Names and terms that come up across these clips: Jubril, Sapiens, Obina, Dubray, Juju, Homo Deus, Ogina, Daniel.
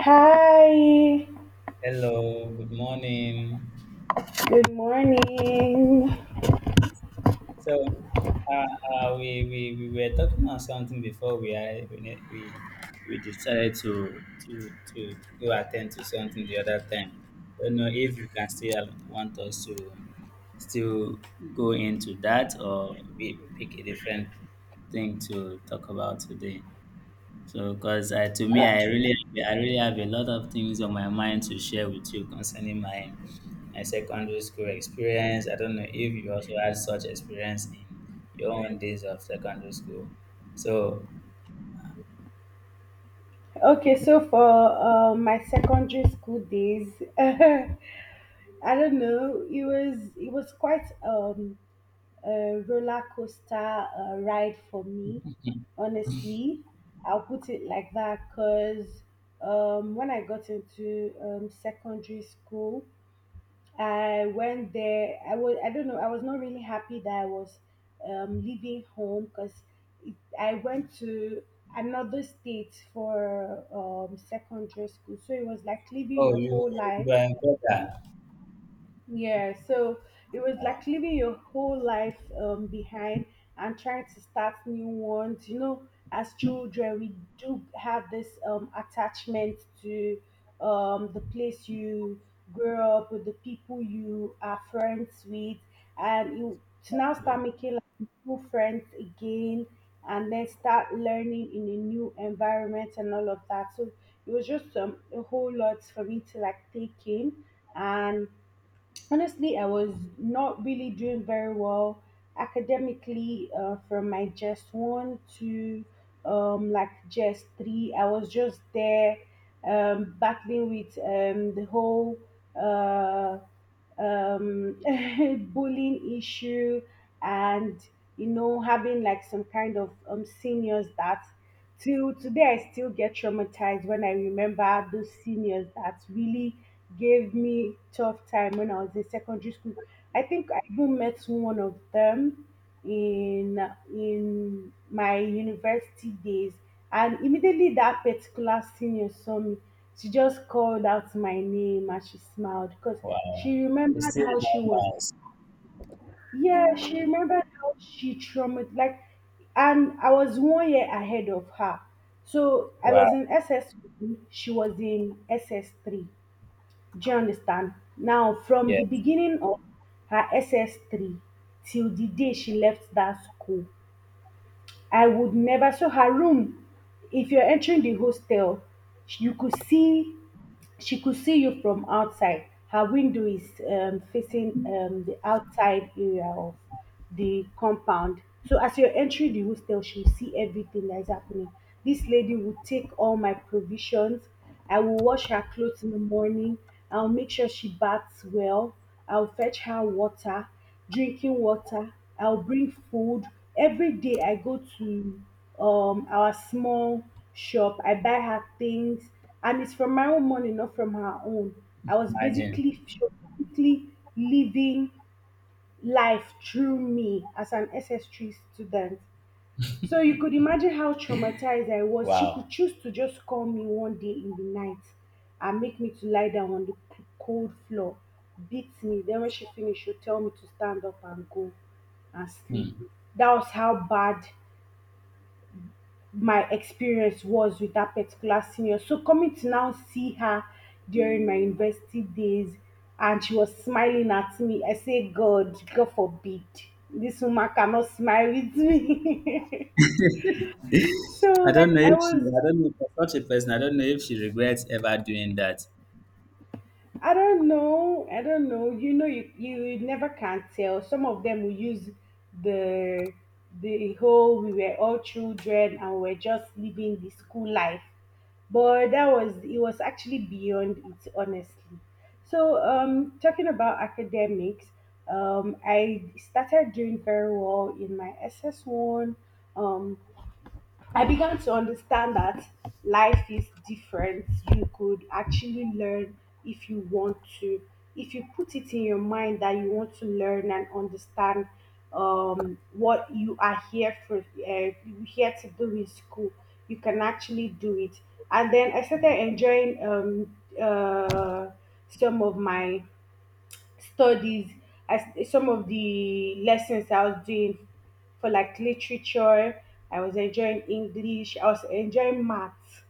Hi, Hello, good morning. good morning. So, we were talking on something before we I, we, ne- we decided to go attend to something the other time. Don't know if you can still want us to still go into that or we pick a different thing to talk about today. So, 'cause I To me, I really have a lot of things on my mind to share with you concerning my secondary school experience. I don't know if you also had such experience in your own days of secondary school. So, Okay, so for my secondary school days, I don't know, it was quite a roller coaster ride for me. Honestly, I'll put it like that because when I got into secondary school, I went there. I was. I don't know. I was not really happy that I was leaving home because I went to another state for secondary school. So it was like leaving oh, your whole you life. were in Koga. Yeah, so it was like leaving your whole life behind and trying to start new ones. You know, as children, we do have this attachment to the place you grew up with, the people you are friends with, and you to now Yeah. start making like new friends again, and then start learning in a new environment and all of that. So it was just a whole lot for me to like take in and honestly, I was not really doing very well academically from my just one to like just three. I was just there battling with the whole uh, um, bullying issue and you know having like some kind of seniors that till today I still get traumatized when I remember those seniors that really gave me tough time when I was in secondary school. I think I even met one of them in in my university days, and immediately that particular senior saw me, she just called out my name and she smiled because Wow. she You remembered still how she was. remembers. Yeah, she remembered how she traumatized. Like, and I was 1 year ahead of her. So I was Wow. in SS1, she was in SS3. Do you understand? Now, from the Yes. beginning of her SS3 till the day she left that school, I would never. So her room, if you're entering the hostel, you could see, she could see you from outside. Her window is facing the outside area of the compound. So as you're entering the hostel, she'll see everything that is happening. This lady would take all my provisions. I will wash her clothes in the morning. I'll make sure she baths well. I'll fetch her water, drinking water. I'll bring food. Every day I go to our small shop. I buy her things, and it's from my own money, not from her own. I was Imagine. basically she was basically living life through me as an SS3 student. So you could imagine how traumatized I was. She could Wow. choose to just call me one day in the night and make me to lie down on the cold floor, beat me. Then when she finished, she'd tell me to stand up and go and sleep. Hmm. That was how bad my experience was with that particular senior. So coming to now see her during my university days and she was smiling at me, I say, God, God forbid. This woman cannot smile with me. So I like don't know I if she, was I don't know for such a person, I don't know if she regrets ever doing that. I don't know. You know, you never can tell. Some of them will use the the whole we were all children and we're just living the school life. But that was it was actually beyond it, honestly. So talking about academics, I started doing very well in my SS one. Um I began to understand that life is different. You could actually learn if you want to, if you put it in your mind that you want to learn and understand what you are here for, you here to do in school. You can actually do it. And then I started enjoying some of my studies as some of the lessons I was doing for like literature. I was enjoying English. I was enjoying maths.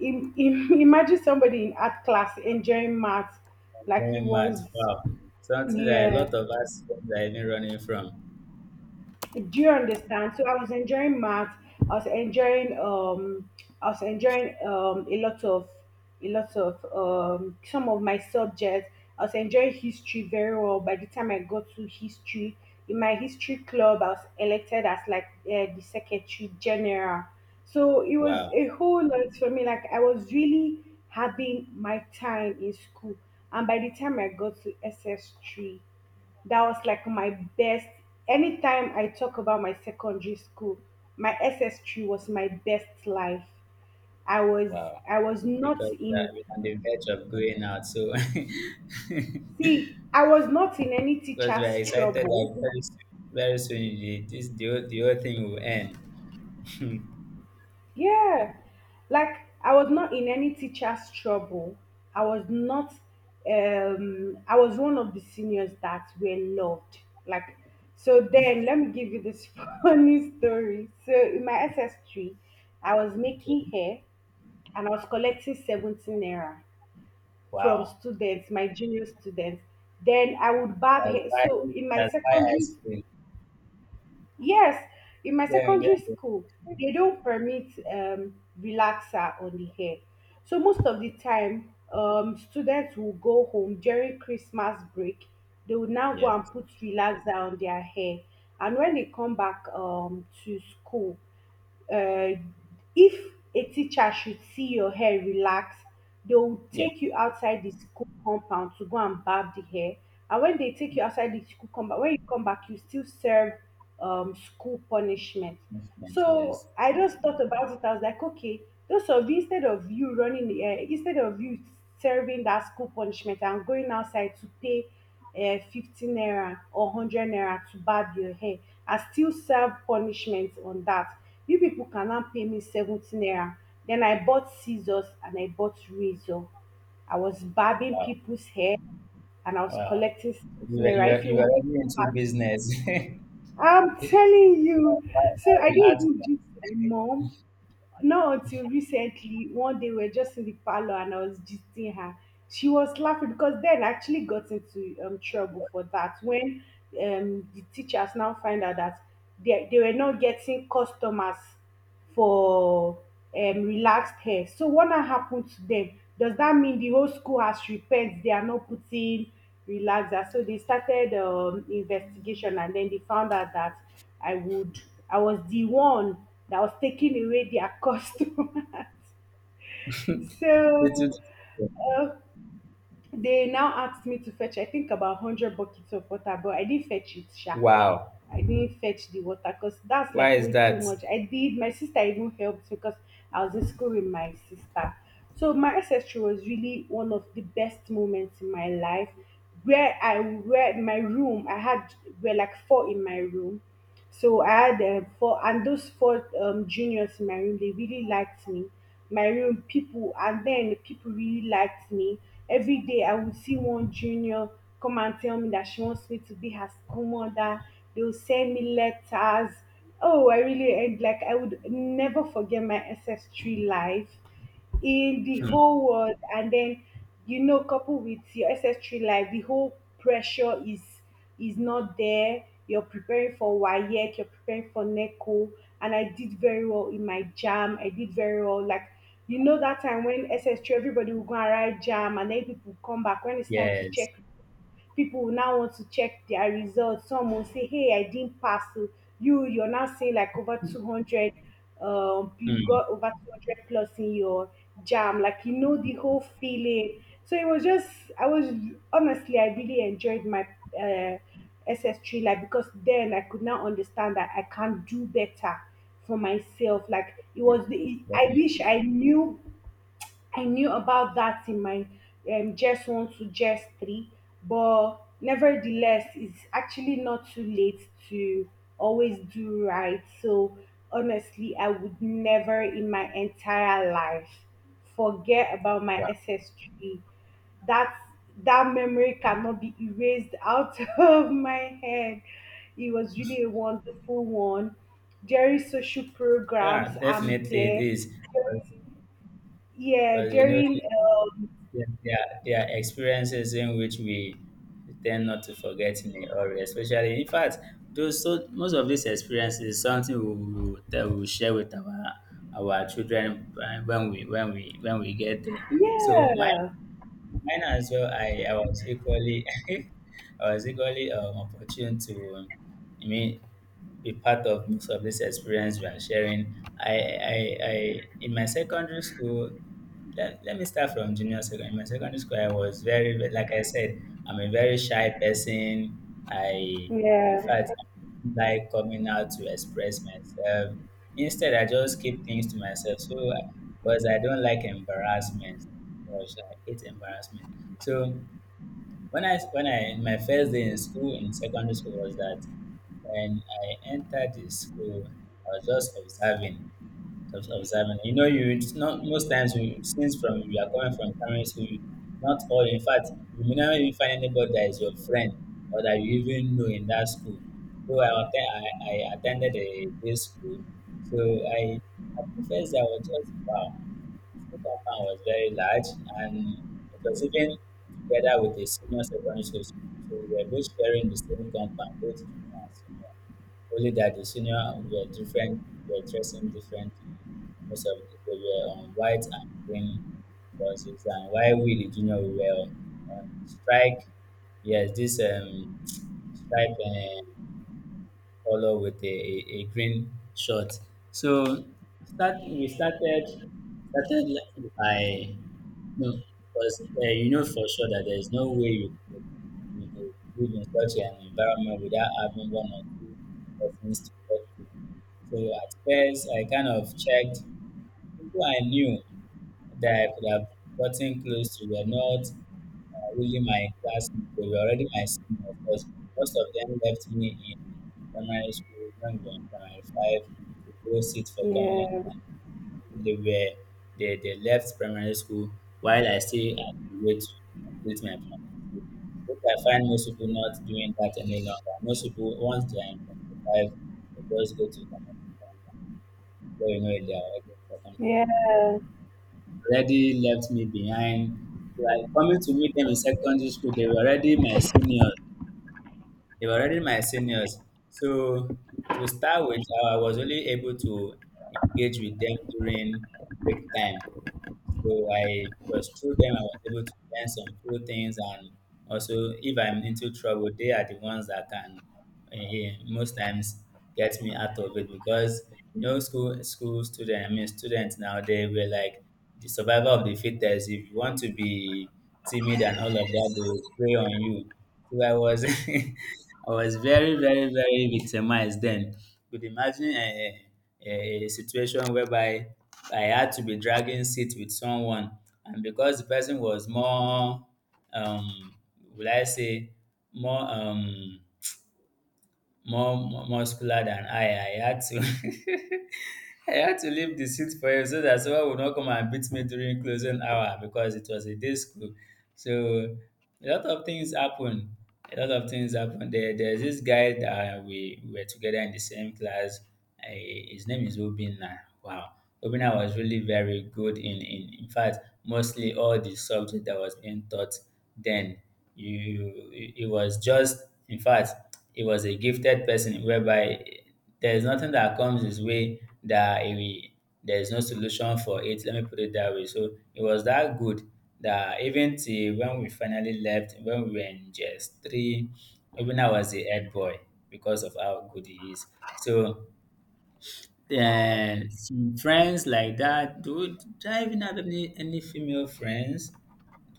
Imagine somebody in art class enjoying maths like he Very mad. was. Wow. Something that a lot Yeah, of us are even running from. do you understand, so I was enjoying math, I was enjoying um, I was enjoying um a lot of some of my subjects. I was enjoying history very well. By the time I got to history, in my history club I was elected as like the secretary general. So it was Wow. a whole lot for me. Like I was really having my time in school, and by the time I got to SS3, that was like my best. Anytime I talk about my secondary school, my SS3 was my best life. I was Wow. I was not Because in we're on the verge of going out. So, see, I was not in any because we're teacher's excited that trouble. Very soon the whole thing will end. Yeah. Like I was not in any teacher's trouble. I was not I was one of the seniors that were loved. Like so then let me give you this funny story. So in my SS3, I was making Okay. hair and I was collecting 17 naira from Wow. students, my junior students. Then I would barb That's hair. why, So in my that's why secondary, ice cream. yes, in my Yeah, yeah, secondary yeah. school, they don't permit relaxer on the hair. So most of the time, students will go home during Christmas break. They would now go Yeah. and put relaxer on their hair. And when they come back to school, uh, if a teacher should see your hair relaxed, they will Yeah. take you outside the school compound to go and barb the hair. And when they take you outside the school compound, when you come back, you still serve school punishment. Investment, So yes. I just thought about it. I was like, okay, those of you instead of you running instead of you serving that school punishment and going outside to pay 50 naira or 100 naira to barb your hair, I still serve punishment on that. You people can now pay me 70 naira. Then I bought scissors and I bought razor. I was barbing Wow. people's hair and I was Wow. collecting 70 naira if you You are want. already into business. I I'm telling you. So I am didn't at- even give to my mom. Not until recently, one day we were just in the parlor and I was gisting her. She was laughing because then I actually got into trouble for that when the teachers now find out that they were not getting customers for relaxed hair. So what now happened to them? Does that mean the whole school has repent? They are not putting relaxer. So they started investigation and then they found out that I would I was the one that was taking away their customer. So uh, they now asked me to fetch I think about hundred buckets of water, but I didn't fetch it, sha. Wow. I didn't fetch the water because that's Why like is way too that? much. I did. My sister even helped because I was in school with my sister. So my ancestry was really one of the best moments in my life, where I where my room I had were like four in my room. So I had four, and those four juniors in my room, they really liked me. My room people, and then people really liked me. Every day I would see one junior come and tell me that she wants me to be her school mother. They would send me letters. Oh, I really and like I would never forget my S S 3 life in the Hmm. whole world. And then you know coupled with your SS3 life, the whole pressure is not there. You're preparing for wayek, you're preparing for neco, and I did very well in my jam. I did very well. Like, you know, that time when SS3 everybody will go and write jam, and then people will come back when it's time to Yes. check, people will now want to check their results. Some will say, "Hey, I didn't pass." So you, you're now saying like over 200. You Hmm. got over 200 plus in your jam. Like you know the whole feeling. So it was just, I was honestly, I really enjoyed my uh, SS3 life, because then I could now understand that I can do better for myself. Like it Yes, was the, I definitely. wish I knew about that in my just one to just three, but nevertheless, it's actually not too late to always do right. So honestly, I would never in my entire life forget about my Wow. SS3. That's that memory cannot be erased out of my head. It was really a wonderful one. During social programs, Yeah, I'm definitely it there. is. Because Yeah, but you know, during there are experiences in which we tend not to forget in a hurry, especially in fact, those so most of these experiences is something we will tell we will share with our children when we get there. So yeah, mine as well. I was equally I was equally opportune to. I mean, be part of most of this experience we are sharing. I, I, I In my secondary school, let me start from junior secondary. In my secondary school, I was very, ve- like I said, I'm a very shy person. I, in yeah, fact, like coming out to express myself. Instead, I just keep things to myself. So, because I don't like embarrassment, because I hate embarrassment. So, when I my first day in school in secondary school was that when I entered the school, I was just observing, just observing. You know, you it's not most times we since from you are coming from primary school, you- not all. In fact, you may not even find anybody that is your friend or that you even know in that school. So I attended a day school. So I at first I was just wow, school compound was very large and it was even together with the senior secondary school. So we were both sharing the same compound, both junior and senior. Only that the senior were different, were dressing differently. Most of the, they were on white and green dresses, and while we the junior we were on strike. Yes, this strike color with a green shirt. So start we started started like by no because you know for sure that there is no way you could live in such an environment without having one or two persons to talk to. So at first, I kind of checked. People I knew that I could have gotten close to were not really my classmates. They were already my seniors because most of them left me in primary school, young in primary five, to go sit for common yeah, exam. They were they left primary school while I still had to wait to complete my plan. Which I find most people not doing that any longer. Most people once they are in primary five, they just go to common exam but you know, they are already in secondary yeah. school. Already left me behind. Like coming to meet them in secondary school, they were already my seniors. They were already my seniors. So to start with, I was only able to engage with them during break time. So I was through them, I was able to learn some few things, and also if I'm into trouble, they are the ones that can most times get me out of it because you know school student, I mean students now they were like the survival of the fittest. If you want to be timid and all of that, they will prey on you. So I was I I was very, very, very victimized then. Could imagine a situation whereby I had to be dragging seat with someone, and because the person was more, um, will I say, more um, more muscular than I had to. I had to leave the seat for him so that someone would not come and beat me during closing hour because it was a day school. So a lot of things happen. A lot of things happen. There's this guy that we were together in the same class. His name is Obina. Wow, Obina was really very good in fact mostly all the subject that was being taught then. You, it was just, in fact, it was a gifted person whereby there is nothing that comes his way that he, there is no solution for it. Let me put it that way. So it was that good that even till when we finally left, when we were in just three, even I was the head boy because of how good he is. So Wow. Some friends like that. Do I even have any female friends?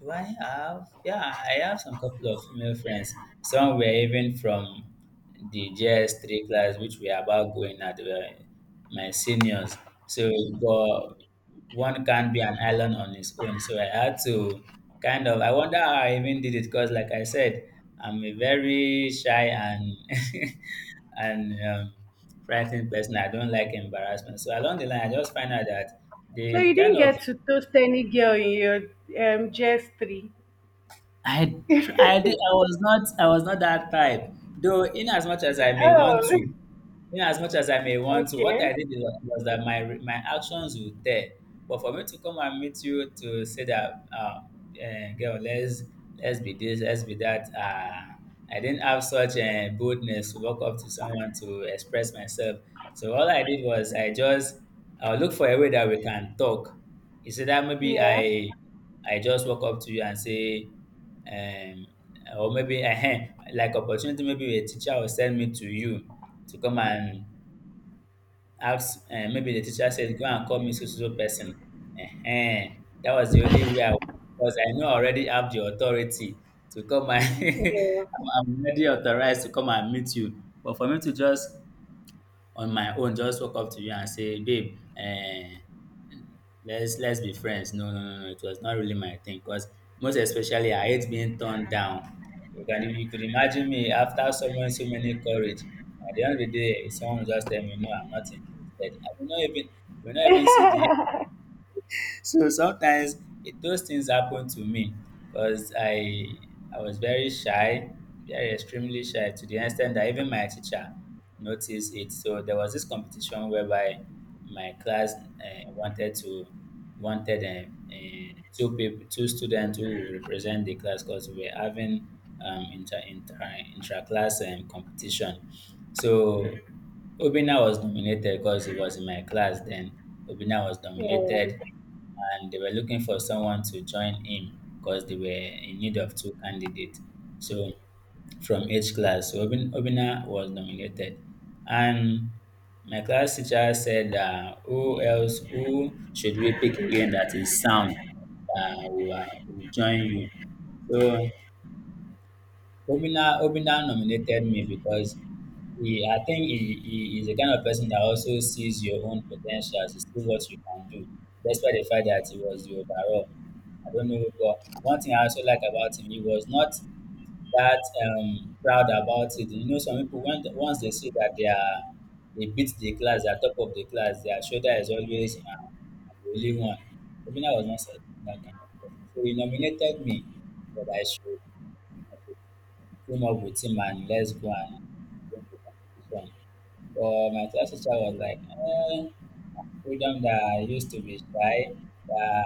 Do I have? Yeah, I have some couple of female friends. Some were even from the GS3 class, which we are about going at. They were my seniors. So, but one can't be an island on its own. So I had to kind of, I wonder how I even did it because, like I said, I'm a very shy and and frightened person. I don't like embarrassment. So along the line, I just find out that So you they didn't kind of get to toast any girl in your GS three. Did, I was not that type. Though, in as much as I may want Oh, to, yeah, as much as I may want to, what okay. Was that my actions would tell. But for me to come and meet you to say that, girl, let's be this, let's be that, I didn't have such boldness to walk up to someone to express myself. So all I did was I just look for a way that we can talk. Is that maybe Yeah, I just walk up to you and say, um, or maybe like opportunity, maybe a teacher will send me to you to come and ask, maybe the teacher said, go and call me so, so, so person. Ehen. That was the only way I because I know I already have the authority to come and yeah, I'm already authorized to come and meet you. But for me to just on my own just walk up to you and say, babe, let's be friends. No, no, no, no. It was not really my thing. Cause most especially, I hate being turned down. You can you could imagine me after someone so many courage. At the end of the day, someone just tell me, no, I'm not interested. I will not even see the so sometimes those things happen to me because I was very shy, very extremely shy to the extent that even my teacher noticed it. So there was this competition whereby my class wanted to wanted two people, two students who would represent the class because we were having inter inter intra class competition. So Obina was nominated because he was in my class then. Obina was yeah. nominated and they were looking for someone to join him because they were in need of two candidates. So from each class, so Obina was nominated, and my class teacher said, "Who else? Who should we pick again that is sound? Uh, will, uh, will join you." So Obinna nominated me because I think he is the kind of person that also sees your own potential, he sees what you can do, despite the fact that he was the overall. I don't know, but one thing I also like about him, he was not that proud about it. You know, some people when once they see that they beat the class, they are top of the class, their shoulder is always I'm the only one. Obinna was not that kind of person, so he nominated me that I should team up with him and let's go and win the competition. But my class teacher was like, freedom that I used to be shy, that,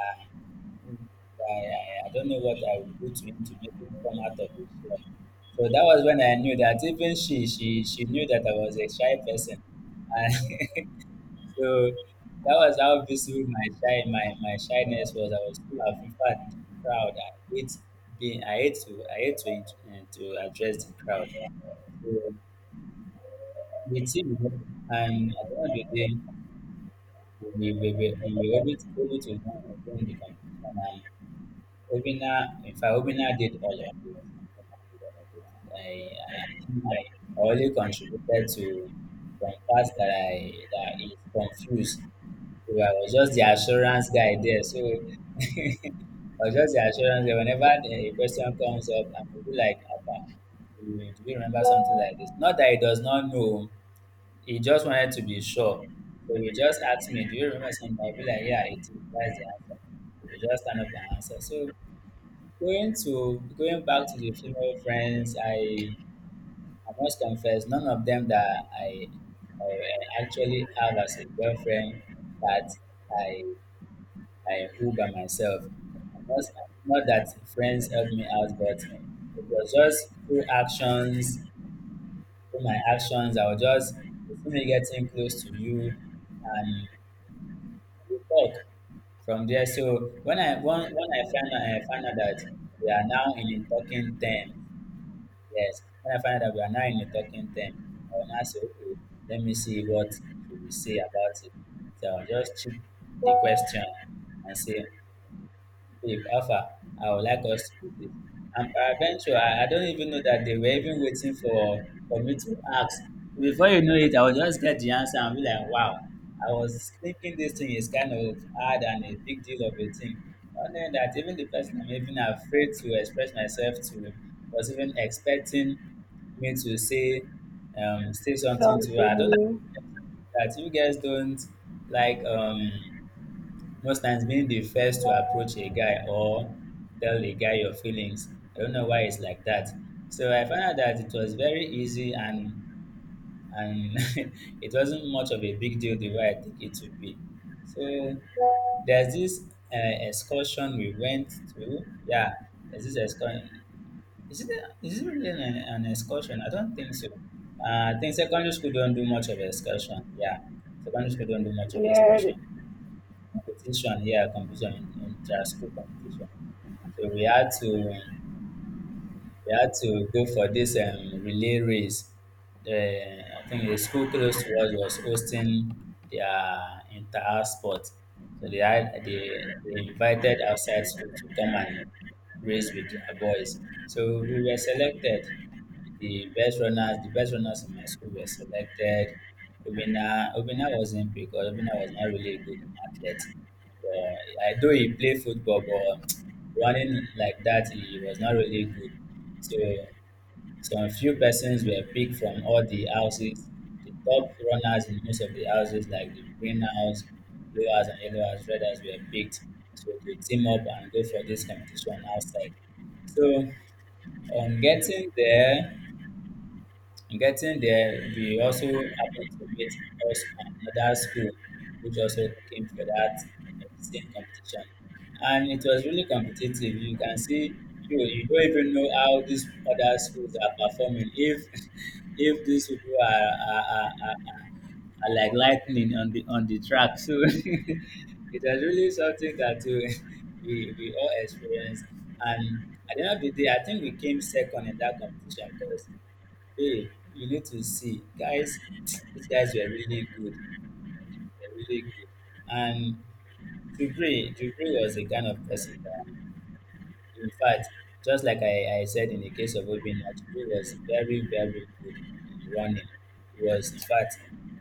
that I don't know what I would do to him to make him come out of his shell. So that was when I knew that even she knew that I was a shy person. And so that was how visible my shyness was. I was full of, in fact, in the crowd. I hate I hate to, to address the crowd. So we team and at the end of the day, we were able to win the competition. And Obina did all of it. Obina did all of it. I think I only contributed to some parts that I that is confused. So I was just the assurance guy there. So I was just the assurance guy. Whenever the question comes up, I will be like, "Apa, do you remember something like this?" Not that he does not know, he just wanted to be sure. So he just asked me, "Do you remember something?" I'll be like, "Yeah, it is. That's the answer." He just kind of the answer. So going back to the female friends, I must confess, none of them that I, I actually have as a girlfriend that I I who by myself. I must, not that friends helped me out, but it was just through actions, through my actions, I was just, you see me getting close to you and we talk from there. So when I find out that we are now in a talking term. Yes, when I find out that we are now in a talking term, I will now say, okay, let me see what she will say about it. So I'll just chip the question and say, "Babe, how I would like us to do this." And peradventure, I don't even know that they were even waiting for me to ask. Before you know it, I will just get the answer and be like, wow, I was thinking this thing is kind of hard and a big deal of a thing. Not knowing that even the person I'm even afraid to express myself to was even expecting me to say say something to her. I don't know Something. that you guys don't like, most times, being the first to approach a guy or tell a guy your feelings. I don't know why it's like that. So I found out that it was very easy, and it wasn't much of a big deal the way I think it would be. So there's this excursion we went to. Yeah, there's this excursion. Is it, is it really an excursion? I don't think so. I think secondary school don't do much of excursion. Yeah, secondary school don't do much of Yeah, excursion competition, yeah, competition in school competition. So we had to go for this relay race. The, I think the school close to us was hosting their entire sport. So they invited outside school to come and race with their boys. So we were selected. The best runners in my school were selected. Obina wasn't, because Obina was not really a good athlete. I do, he played football, but running like that, he was not really good. So some few persons were picked from all the houses. The top runners in most of the houses, like the green house, blue house, and yellow house, red house, were picked. So they team up and go for this competition outside. So on getting there, and getting there, we also happened to meet us from another school, which also came for that same competition. And it was really competitive. You can see, you don't even know how these other schools are performing. If if these people are like lightning on the track, so it was really something that we all experienced. And at the end of the day, I think we came second in that competition because, hey, you need to see, guys. These guys were really good. They're really good. And Dubray was the kind of person that, in fact, just like I said in the case of Obina, he was very, very good in running. He was, in fact,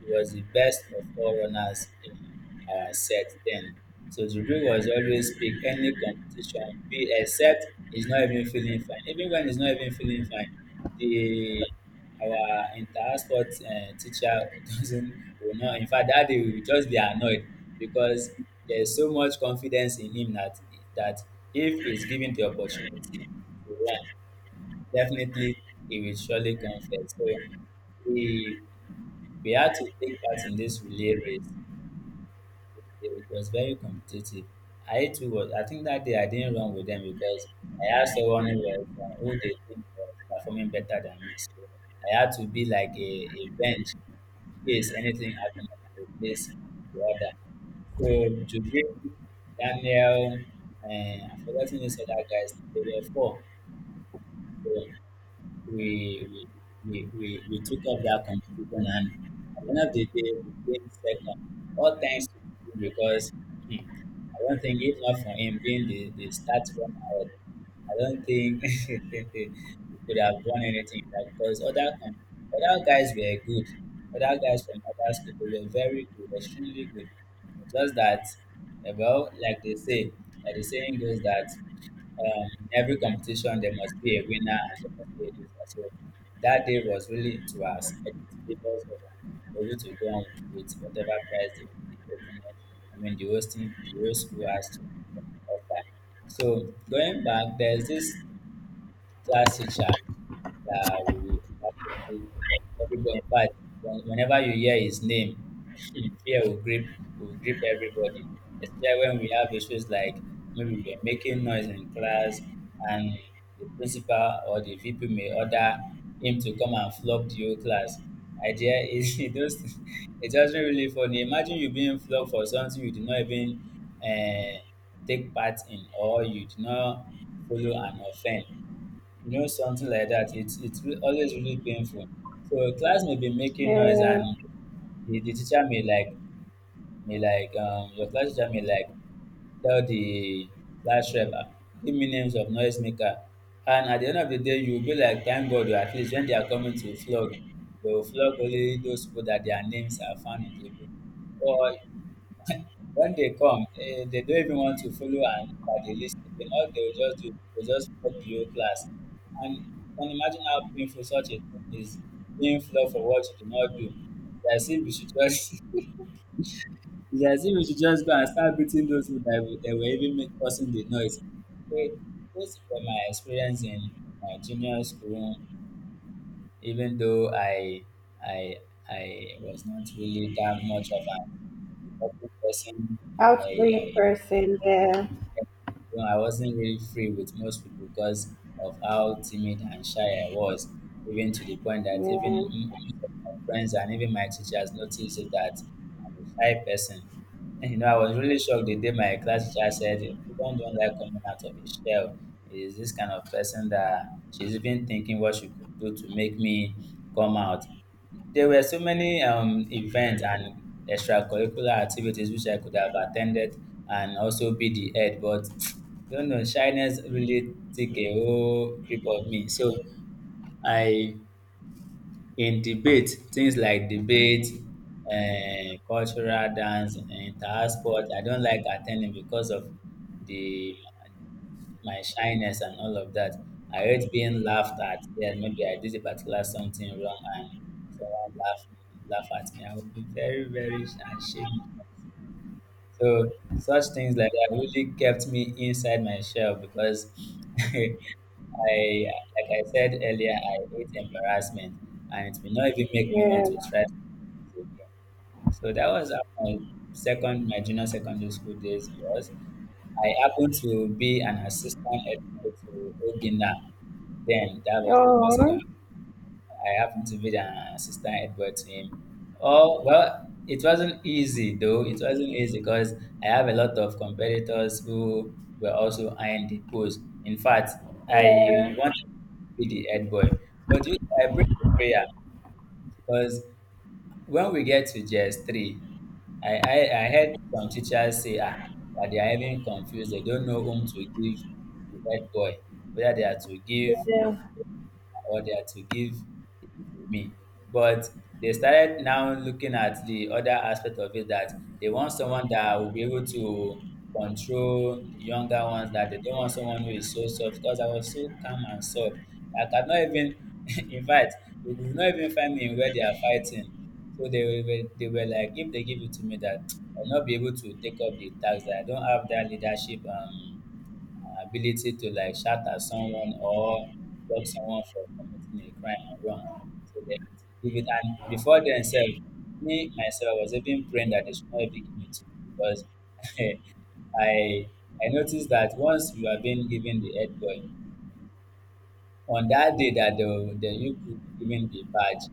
he was the best of all runners in our set then. So Juju was always pick any competition, be except he's not even feeling fine. Even when he's not even feeling fine, the our inter-sport teacher doesn't, will not. In fact, that day we will just be annoyed because there's so much confidence in him that that if he's given the opportunity to run, definitely he will surely come first. So we we had to take part in this relay race. It was very competitive. I too was. I think that day I didn't run with them because I asked someone who was who they think was performing better than me. So I had to be like a bench. Yes, anything happen I can replace the other. So Jubril, Daniel, and I've forgotten this other guy's name. There were four. So we we took up that competition and at the end of the day we came second. All thanks to him because, hmm, I don't think, if not for him being the start runner, I don't think we could have won anything, like, because other guys were good. Other guys from other schools, they were very good, extremely good. Just that well, like they say, like the saying goes that, in every competition, there must be a winner and there must be a loser. So that day was really to our credit, because we were able to go on with whatever prize the opponent, I mean, the hosting, the host school has to offer. So going back, there's this classic sha. Yeah, we, everybody, in fact, whenever you hear his name, fear will grip everybody. Especially when we have issues like maybe we're making noise in class and the principal or the VP may order him to come and flog the whole class. Idea is it just, it doesn't really funny. Imagine you being flogged for something you did not even uh, take part in, or you did not follow an offense, you know, something like that. It's always really painful. So a class may be making noise, yeah. and the teacher may like, your class teacher may like tell the class rep, "Ah, give me names of noisemaker." And at the end of the day, you'll be like, thank God, at least when they are coming to flog, they will flog only those people that their names are found in the book. Or when they come, eh, they don't even want to follow and look at the list again. All they will just do is they will just flop the whole class. And you can imagine how painful such a thing is, being flogged for what you did not do. It's as if you should just, it's as if you should just go and start beating those who that, that were even causing the noise. So those were my experience in my junior school, even though I, I was not really that much of an important person. I Outgoing person. Yeah, you know, I wasn't really free with most people because of how timid and shy I was, even to the point that even yeah, most of my friends and even my teachers noticed it that I'm a shy person. And, you know, I was really shocked the day my class teacher said, "If you don't like coming out of a shell. Is this kind of person that she's even thinking what she could do to make me come out." There were so many events and extracurricular activities which I could have attended and also be the head, but don't know, shyness really take a whole grip of me. So I, in debate, things like debate, cultural dance, inter sport, I don't like attending because of the my shyness and all of that. I hate being laughed at. Yeah, maybe I did a particular something wrong and someone laugh at me. I would be very, very ashamed. So such things like that really kept me inside my shell because I, like I said earlier, I hate embarrassment and it will not even make me want to yeah. try things again. So that was how my junior secondary school days was. I happened to be an assistant editor to Ogina. Then that was junior second. Oh, I happened to be an assistant editor to him. Oh well, it wasn't easy though. It wasn't easy because I have a lot of competitors who were also eyeing the post. In fact, yeah, yeah, I wanted to be the head boy, but you, I prayed the prayer because when we get to JS three, I, I, I heard some teachers say ah, that they are even confused. They don't know whom to give the head boy, whether they are to yeah, give yeah. order to give it to me. But they started now looking at the other aspect of it that they want someone that will be able to control the younger ones, that they don't want someone who is so soft because I was so calm and soft. I could not even, in fact, they could not even find me where they are fighting. So they were like, if they give it to me, that I'll not be able to take up the task, that I don't have that leadership ability to like shout at someone or block someone from committing a crime or wrong. So they have to give it. And before themselves, me myself was even praying that they should not even give it to me because I I noticed that once you are being given the head boy, on that day that the you will be given the badge,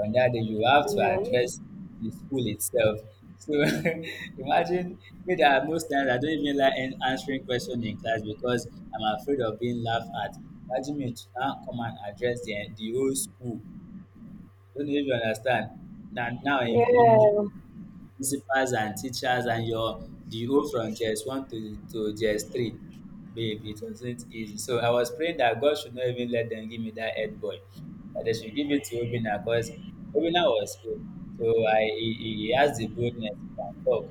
on that day you have to Mm, address the school itself. So imagine me that most times I don't even like answering question in class because I'm afraid of being laughed at. Imagine me to now come and address the whole school. Don't know if you understand. In Principals and teachers and your the whole from JS one to JS three. Babe, it wasn't easy. So I was praying that God should not even let them give me that head boy. That they should give it to Obina because Obina was good. So I he has the boldness to talk.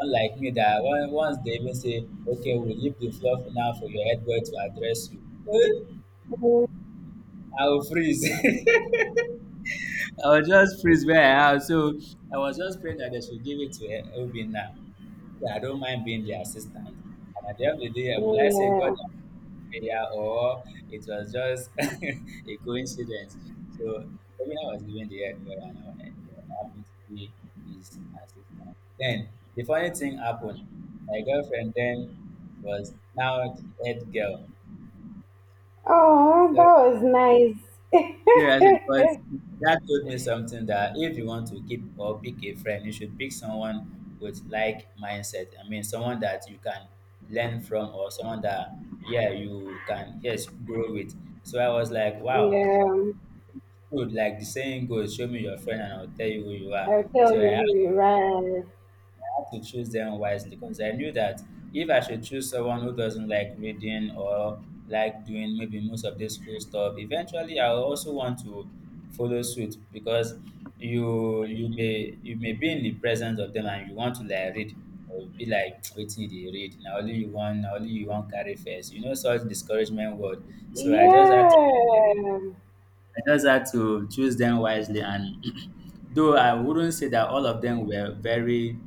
Unlike me that one, once they even say, okay, we'll leave the floor for now for your head boy to address you. I will freeze. I was just freeze where I am. So I was just praying that they should give it to Obina. Yeah, I don't mind being the assistant. And at the end of the day, will I say God yeah. and prayer or it was just a coincidence? So for me, I was given the head girl and I happened to be his assistant. Then the funny thing happened. My girlfriend then was now the head girl. Oh, So that was seriously, because nice. that told me something that if you want to keep or pick a friend, you should pick someone with like mindset. I mean, someone that you can learn from or someone that yeah you can yes grow with. So I was like, wow, yeah. dude, like the saying goes, show me your friend and I'll tell you who you are. I'll tell So you I who you ran. had to choose them wisely because I knew that if I should choose someone who doesn't like reading or like doing maybe most of this school stuff, eventually I will also want to follow suit because you may you may be in the presence of them and you want to like read or you be like waiting they read now only you want now only you want carry first you know such discouragement word so Yeah. I just had to choose them wisely and though I wouldn't say that all of them were very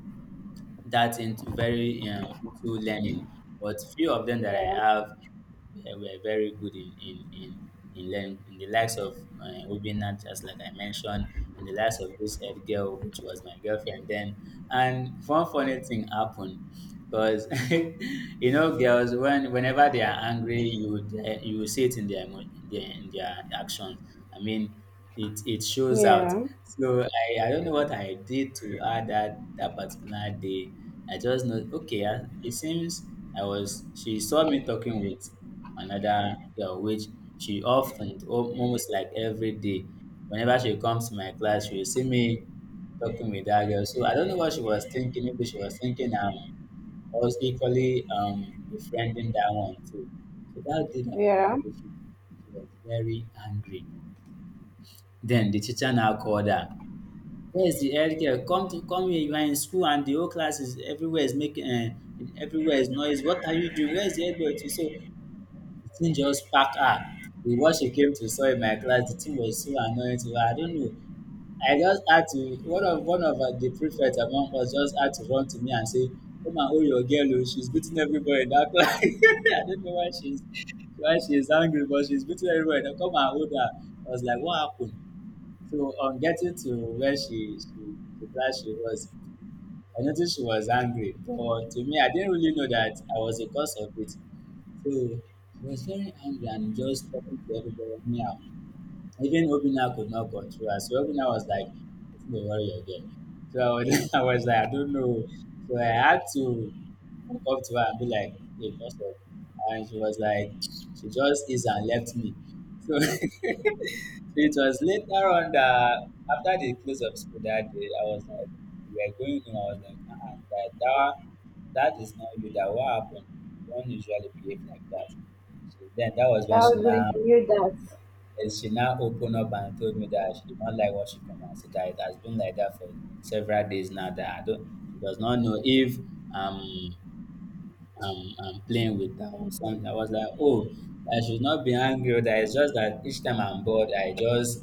that into very into learning, but few of them that I Yeah. have were very good in learning. In the likes of Obina, just like I mentioned, in the likes of this head girl, which was my girlfriend then. And one funny thing happened because you know girls when whenever they are angry, you would, you will see it in their in their actions. I mean, it shows out. Yeah. So I don't know what I did to her that that particular day. I just know okay. I, it seems I was she saw me talking with another girl, which she often almost like every day. Whenever she comes to my class, she will see me talking with that girl. So I don't know what she was thinking. Maybe she was thinking I was equally befriending that one too. So that Yeah. particular day, she was very angry then the teacher now called her. Where's the head girl? Come to come here. You are in school and the whole class is everywhere is making everywhere is noise. What are you doing? Where's the head girl? So the thing just packed her. With what she came to saw in my class, the thing was so annoying to her. I don't know. I just had to one of the prefect among us just had to run to me and say, come and hold your girl, oh, she's beating everybody in that class. I don't know why she's angry, but she's beating everybody. Come and hold her. I was like, what happened? So on getting to where she the class she was, I noticed she was angry. But to me, I didn't really know that I was the cause of it. So she was very angry and just talking to everybody anyhow. Even Obina could not control her. So Obina was like, "Don't worry again." So I was, I was like, I don't know. So I had to walk up to her and be like, "Hey, first of all," and she was like, she just is and left me. So so it was later on that after the close of school that day, I was like, we were going home. I was like, uh-uh, that that is not you. That what happened? You don't usually behave like that. So then that was when That she was when now I knew eh, she now opened up and told me that she did not like what she come and said that it has been like that for several days now. That I don't she does not know if um I'm playing with her or something. I was like, oh, I should not be angry. That it's just that each time I'm bored, I just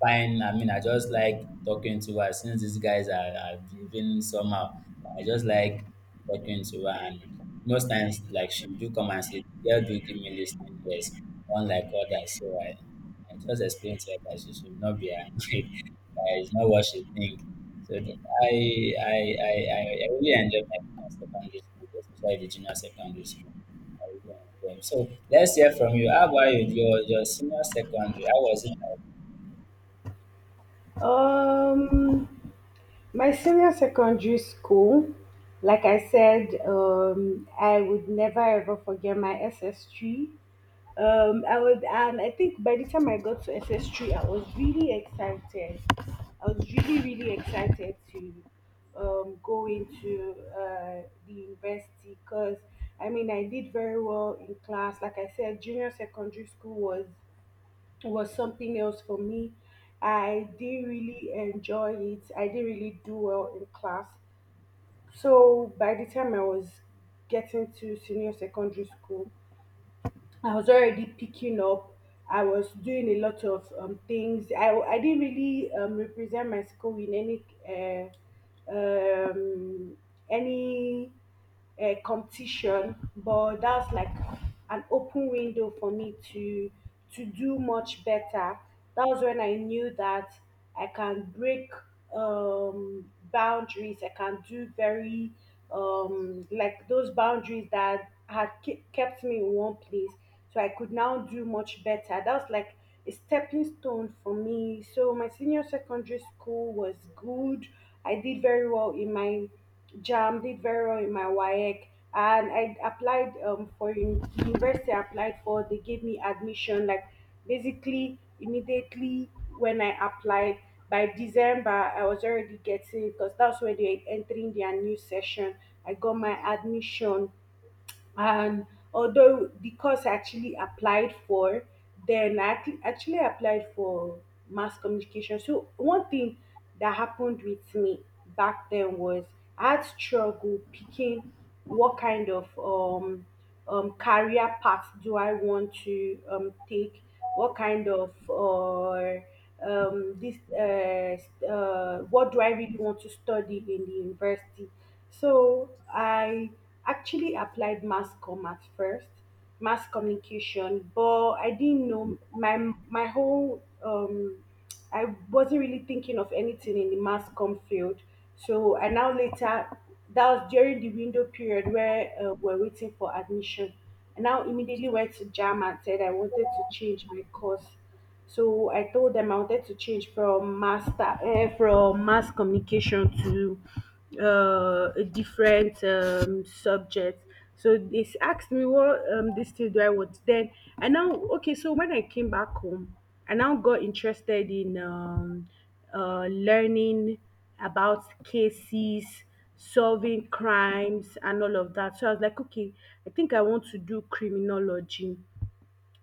fine. I mean, I just like talking to her since these guys are behaving somehow. I just like talking to her, and most times, like she do come and say, "Girl, do give me listening ears," unlike others. So I just explained to her that she should not be annoyed. that it's not what she think. So I really enjoy my time in secondary school, especially the junior secondary school. I really enjoy. So let's hear from you. How about you? Your senior secondary? How was it? that. My senior secondary school, like I said, I would never ever forget my SS3. I was, and I think by the time I got to SS3, I was really excited. I was really excited to go into the university because I mean I did very well in class. Like I said, junior secondary school was something else for me. I didn't really enjoy it. I didn't really do well in class. So by the time I was getting to senior secondary school, I was already picking up. I was doing a lot of things. I didn't really represent my school in any any competition, but that was like an open window for me to do much better. That was when I knew that I can break boundaries. I can do very like those boundaries that had kept me in one place. So I could now do much better. That was like a stepping stone for me. So my senior secondary school was good. I did very well in my JAM, did very well in my WAEC, and I applied the university. I applied for. They gave me admission. Like basically immediately when I applied by December, I was already getting because that's when they entering their new session. I got my admission, and although the course I actually applied for then, actually applied for mass communication. So one thing that happened with me back then was I had struggle picking what kind of career path do I want to take, what kind of what do I really want to study in the university. So I actually applied mass com at first, mass communication, but I didn't know my whole I wasn't really thinking of anything in the mass com field. So I now later, that was during the window period where we're waiting for admission. And now immediately went to jam and said I wanted to change my course. So I told them I wanted to change from master from mass communication to a different subject. So they asked me what this thing do I want. Then I now okay. So when I came back home, I now got interested in learning about cases, solving crimes, and all of that. So I was like, okay, I think I want to do criminology.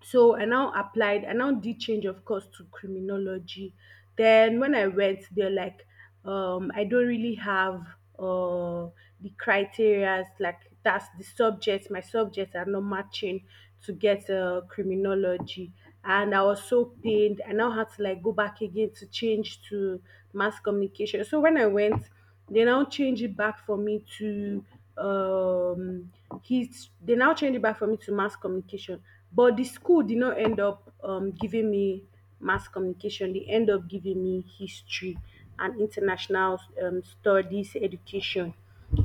So I now applied, I now did change of course to criminology. Then when I went, they're like, I don't really have uh the criterias, like that's the subject, my subjects are not matching to get criminology. And I was so pained. I now had to like go back again to change to mass communication. So when I went they now change it back for me to um his they now change it back for me to mass communication. But the school did not end up giving me mass communication. They end up giving me history and international studies education.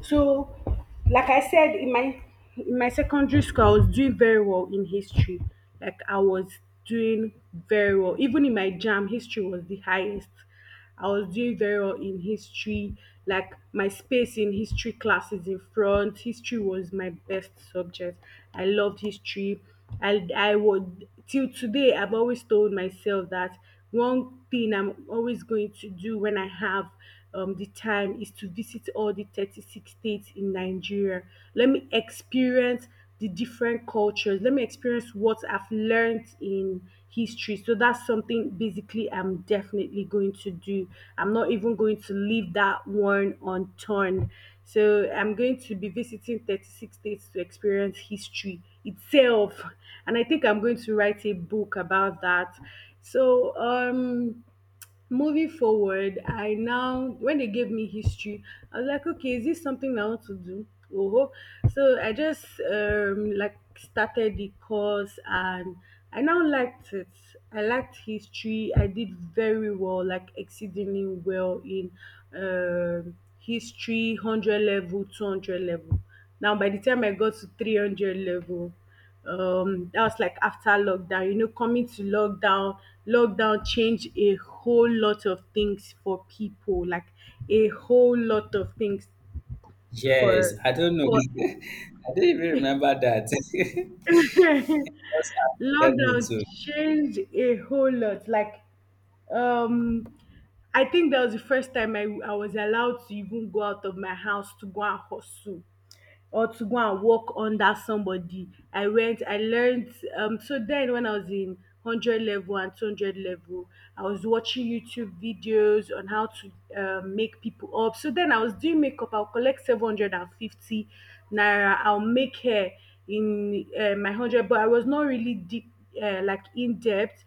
So like I said in my secondary school I was doing very well in history. Like I was doing very well. Even in my jam, history was the highest. I was doing very well in history. Like my space in history class is in front. History was my best subject. I loved history. I would till today I've always told myself that one thing I'm always going to do when I have the time is to visit all the 36 states in Nigeria. Let me experience the different cultures. Let me experience what I've learned in history. So that's something basically I'm definitely going to do. I'm not even going to leave that one unturned. So I'm going to be visiting 36 states to experience history itself. And I think I'm going to write a book about that. So, moving forward, I now when they gave me history, I was like, okay, is this something I want to do? Oh, so I just started the course, and I now liked it. I liked history. I did very well, like exceedingly well in history, hundred level, 200 level. Now by the time I got to 300 level, that was like after lockdown. You know, coming to lockdown, lockdown changed a whole lot of things for people, like a whole lot of things Yes, for I don't know. for I don't even remember that. Just affected me lockdown too. changed a whole lot, like um I think that was the first time I was allowed to even go out of my house to go and hustle, or to go and work under somebody. I went, I learned. So then when I was in 100 level and 200 level, I was watching YouTube videos on how to make people up. So then I was doing makeup, I'll collect 750 naira, I'll make hair in my 100, but I was not really deep, like in depth,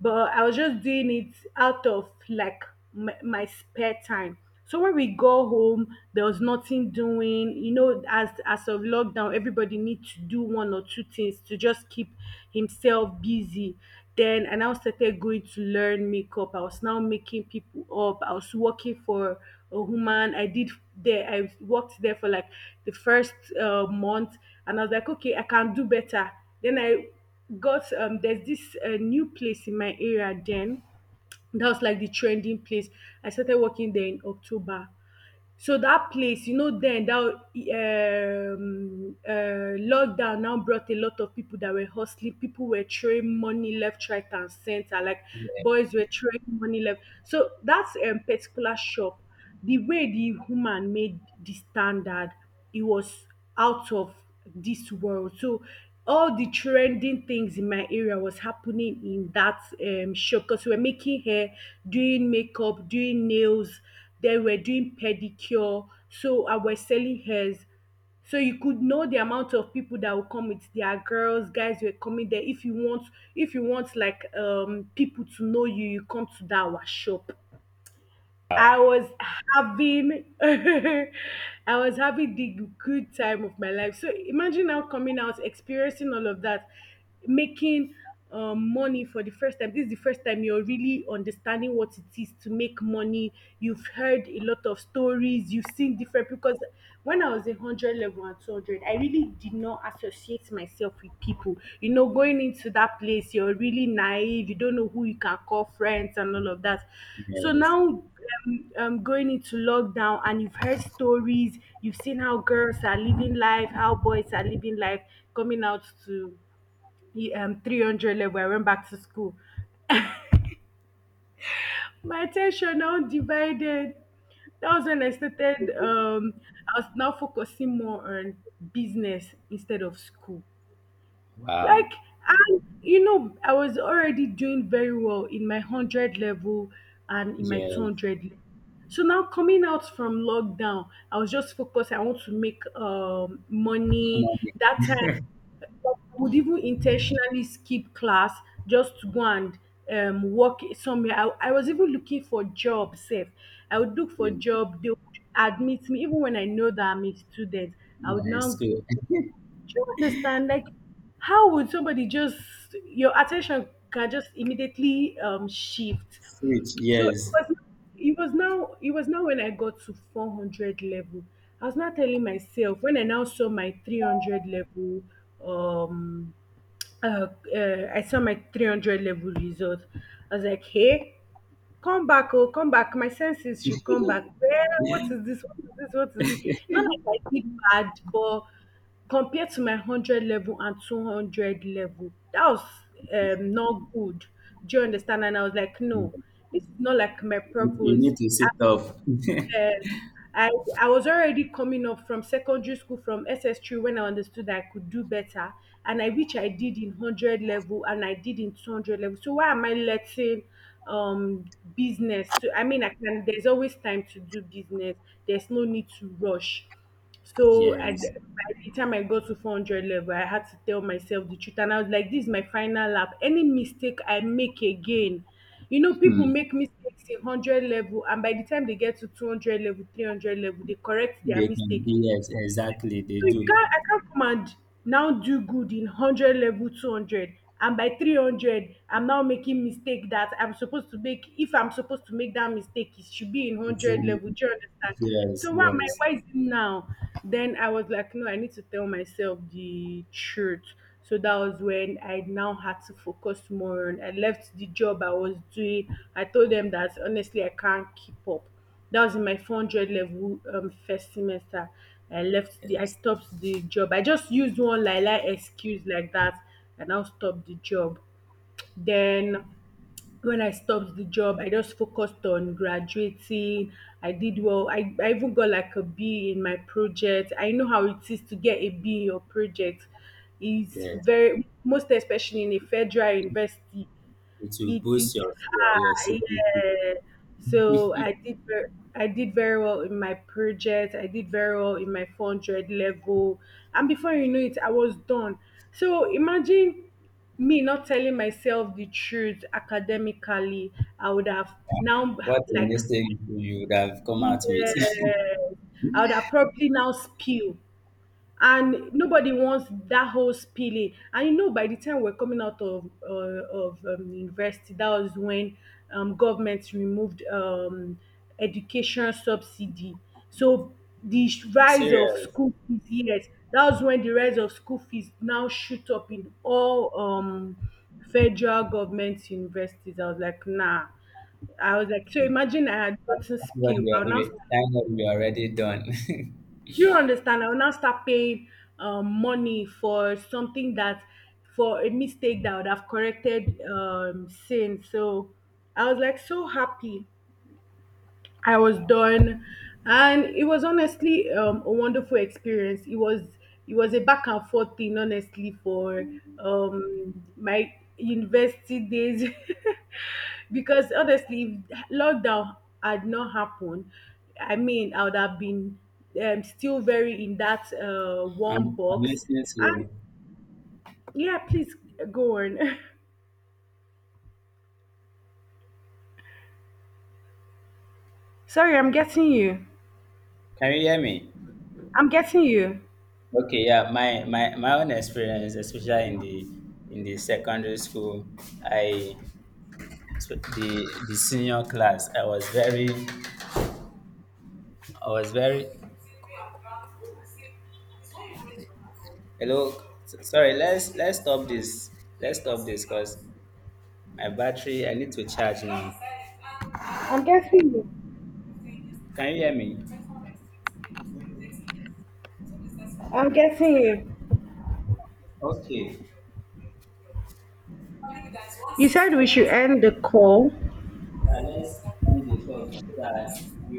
but I was just doing it out of like my spare time. So when we go home, there was nothing doing. You know, as of lockdown, everybody needs to do one or two things to just keep himself busy. Then I now started going to learn makeup. I was now making people up. I was working for a woman. I did there. I worked there for like the first month, and I was like, okay, I can do better. Then I got there's this new place in my area then that was like the trending place. I started working there in October. So that place, you know, then that lockdown now brought a lot of people that were hustling. People were throwing money left, right, and center, like Yeah. boys were throwing money left. So that particular shop, the way the woman made the standard, it was out of this world. So all the trending things in my area was happening in that shop, because we were making hair, doing makeup, doing nails, then we doing pedicure. So I was selling hairs. So you could know the amount of people that will come with their girls, guys were coming there. If you want like people to know you, you come to that our shop. I Wow. was having I was having the good time of my life. So imagine now coming out, experiencing all of that, making money for the first time. This is the first time you're really understanding what it is to make money. You've heard a lot of stories. You've seen different, because when I was in 100 level and 200, I really did not associate myself with people. You know, going into that place, you're really naive. You don't know who you can call friends and all of that. So Yes. now, going into lockdown, and you've heard stories, you've seen how girls are living life, how boys are living life, coming out to 300 level. I went back to school. My attention now divided. That was when I started. I was now focusing more on business instead of school. Like, Wow. and you know, I was already doing very well in my 100 level and in my Yes. 200 level. So now coming out from lockdown, I was just focused. I want to make money. Money. That time, I would even intentionally skip class just to go and work somewhere. I was even looking for job safe. I would look for Yeah. job. They would admit me even when I know that I'm a student. I would Yeah, it's now good. go, do you understand? Like, how would somebody just your attention can just immediately shift? Switch. So Yes. It was now when I got to 400 level. I was not telling myself when I now saw my three hundred level um uh, I saw my 300 level result. I was like, hey, come back, oh, come back. My senses should come back. Well, what is this? What is this? What is it? Not like I did bad, but compared to my 100 level and 200 level, that was not good. Do you understand? And I was like, You no, this is not like my you purpose. need to sit up. Yes. I, I was already coming up from secondary school, from S S 3, when I understood that I could do better. And I which I did in 100 level and I did in 200 level. So why am I letting um, business to, I mean, I can, there's always time to do business. There's no need to rush. So Yes. By the time I got to 400 level, I had to tell myself the truth. And I was like, this is my final lap. Any mistake I make again, you know, people Hmm. make mistakes in 100 level. And by the time they get to 200 level, 300 level, they correct their They can mistake. be, yes, exactly. They So you do. can't, I can't come and now do good in 100 level, 200, and by 300 I'm now making mistake that, I'm supposed to make if I'm supposed to make that mistake, it should be in It's 100 level. Do you understand? yes, So what my why is it now? Then I was like, no, I need to tell myself the truth. So that was when I now had to focus more on, I left the job I was doing. I told them that honestly I can't keep up. That was in my 400 level, first semester. I yes, stopped the job. I just used one like excuse like that and I'll stop the job. Then when I stopped the job, I just focused on graduating. I did well. I even got like a B in my project. I know how it is to get a B in your project. It's yes, very, most especially in a federal university It will it is boost your your hard, CPP. yeah. So I did very well in my project. I did very well in my 400 level, and before you know it, I was done. So imagine me not telling myself the truth academically. I would have now, What the like, next thing you would have come out with? yeah, I would have probably now spill, and nobody wants that whole spilling. And you know by the time we're coming out of university, that was when government removed education subsidy. So rise of Serious. school fees, yes, that was when the rise of school fees now shoot up in all federal government universities. I was like, nah. I was like, so But imagine I had gotten you are, spill, I'll now, you, thank God you are already done. do you understand? I will now start paying money for something that, for a mistake that I would have corrected since. So I was like so happy. I was done, and it was honestly a wonderful experience. It was, it was a back and forth thing, honestly, for my university days, because honestly, if lockdown had not happened, I mean, I would have been still very in that one I'm box. listening to And you. yeah, please go on. Sorry, I'm getting you. Can you hear me? I'm getting you. Okay, yeah. My own experience, especially in the secondary school, I the senior class. I was very, I was very. Hello. Sorry. Let's stop this. Let's stop this because my battery, I need to charge now. I'm getting you. Can you hear me? I'm getting you. Okay. You said we should end the call. Let's end the call so that we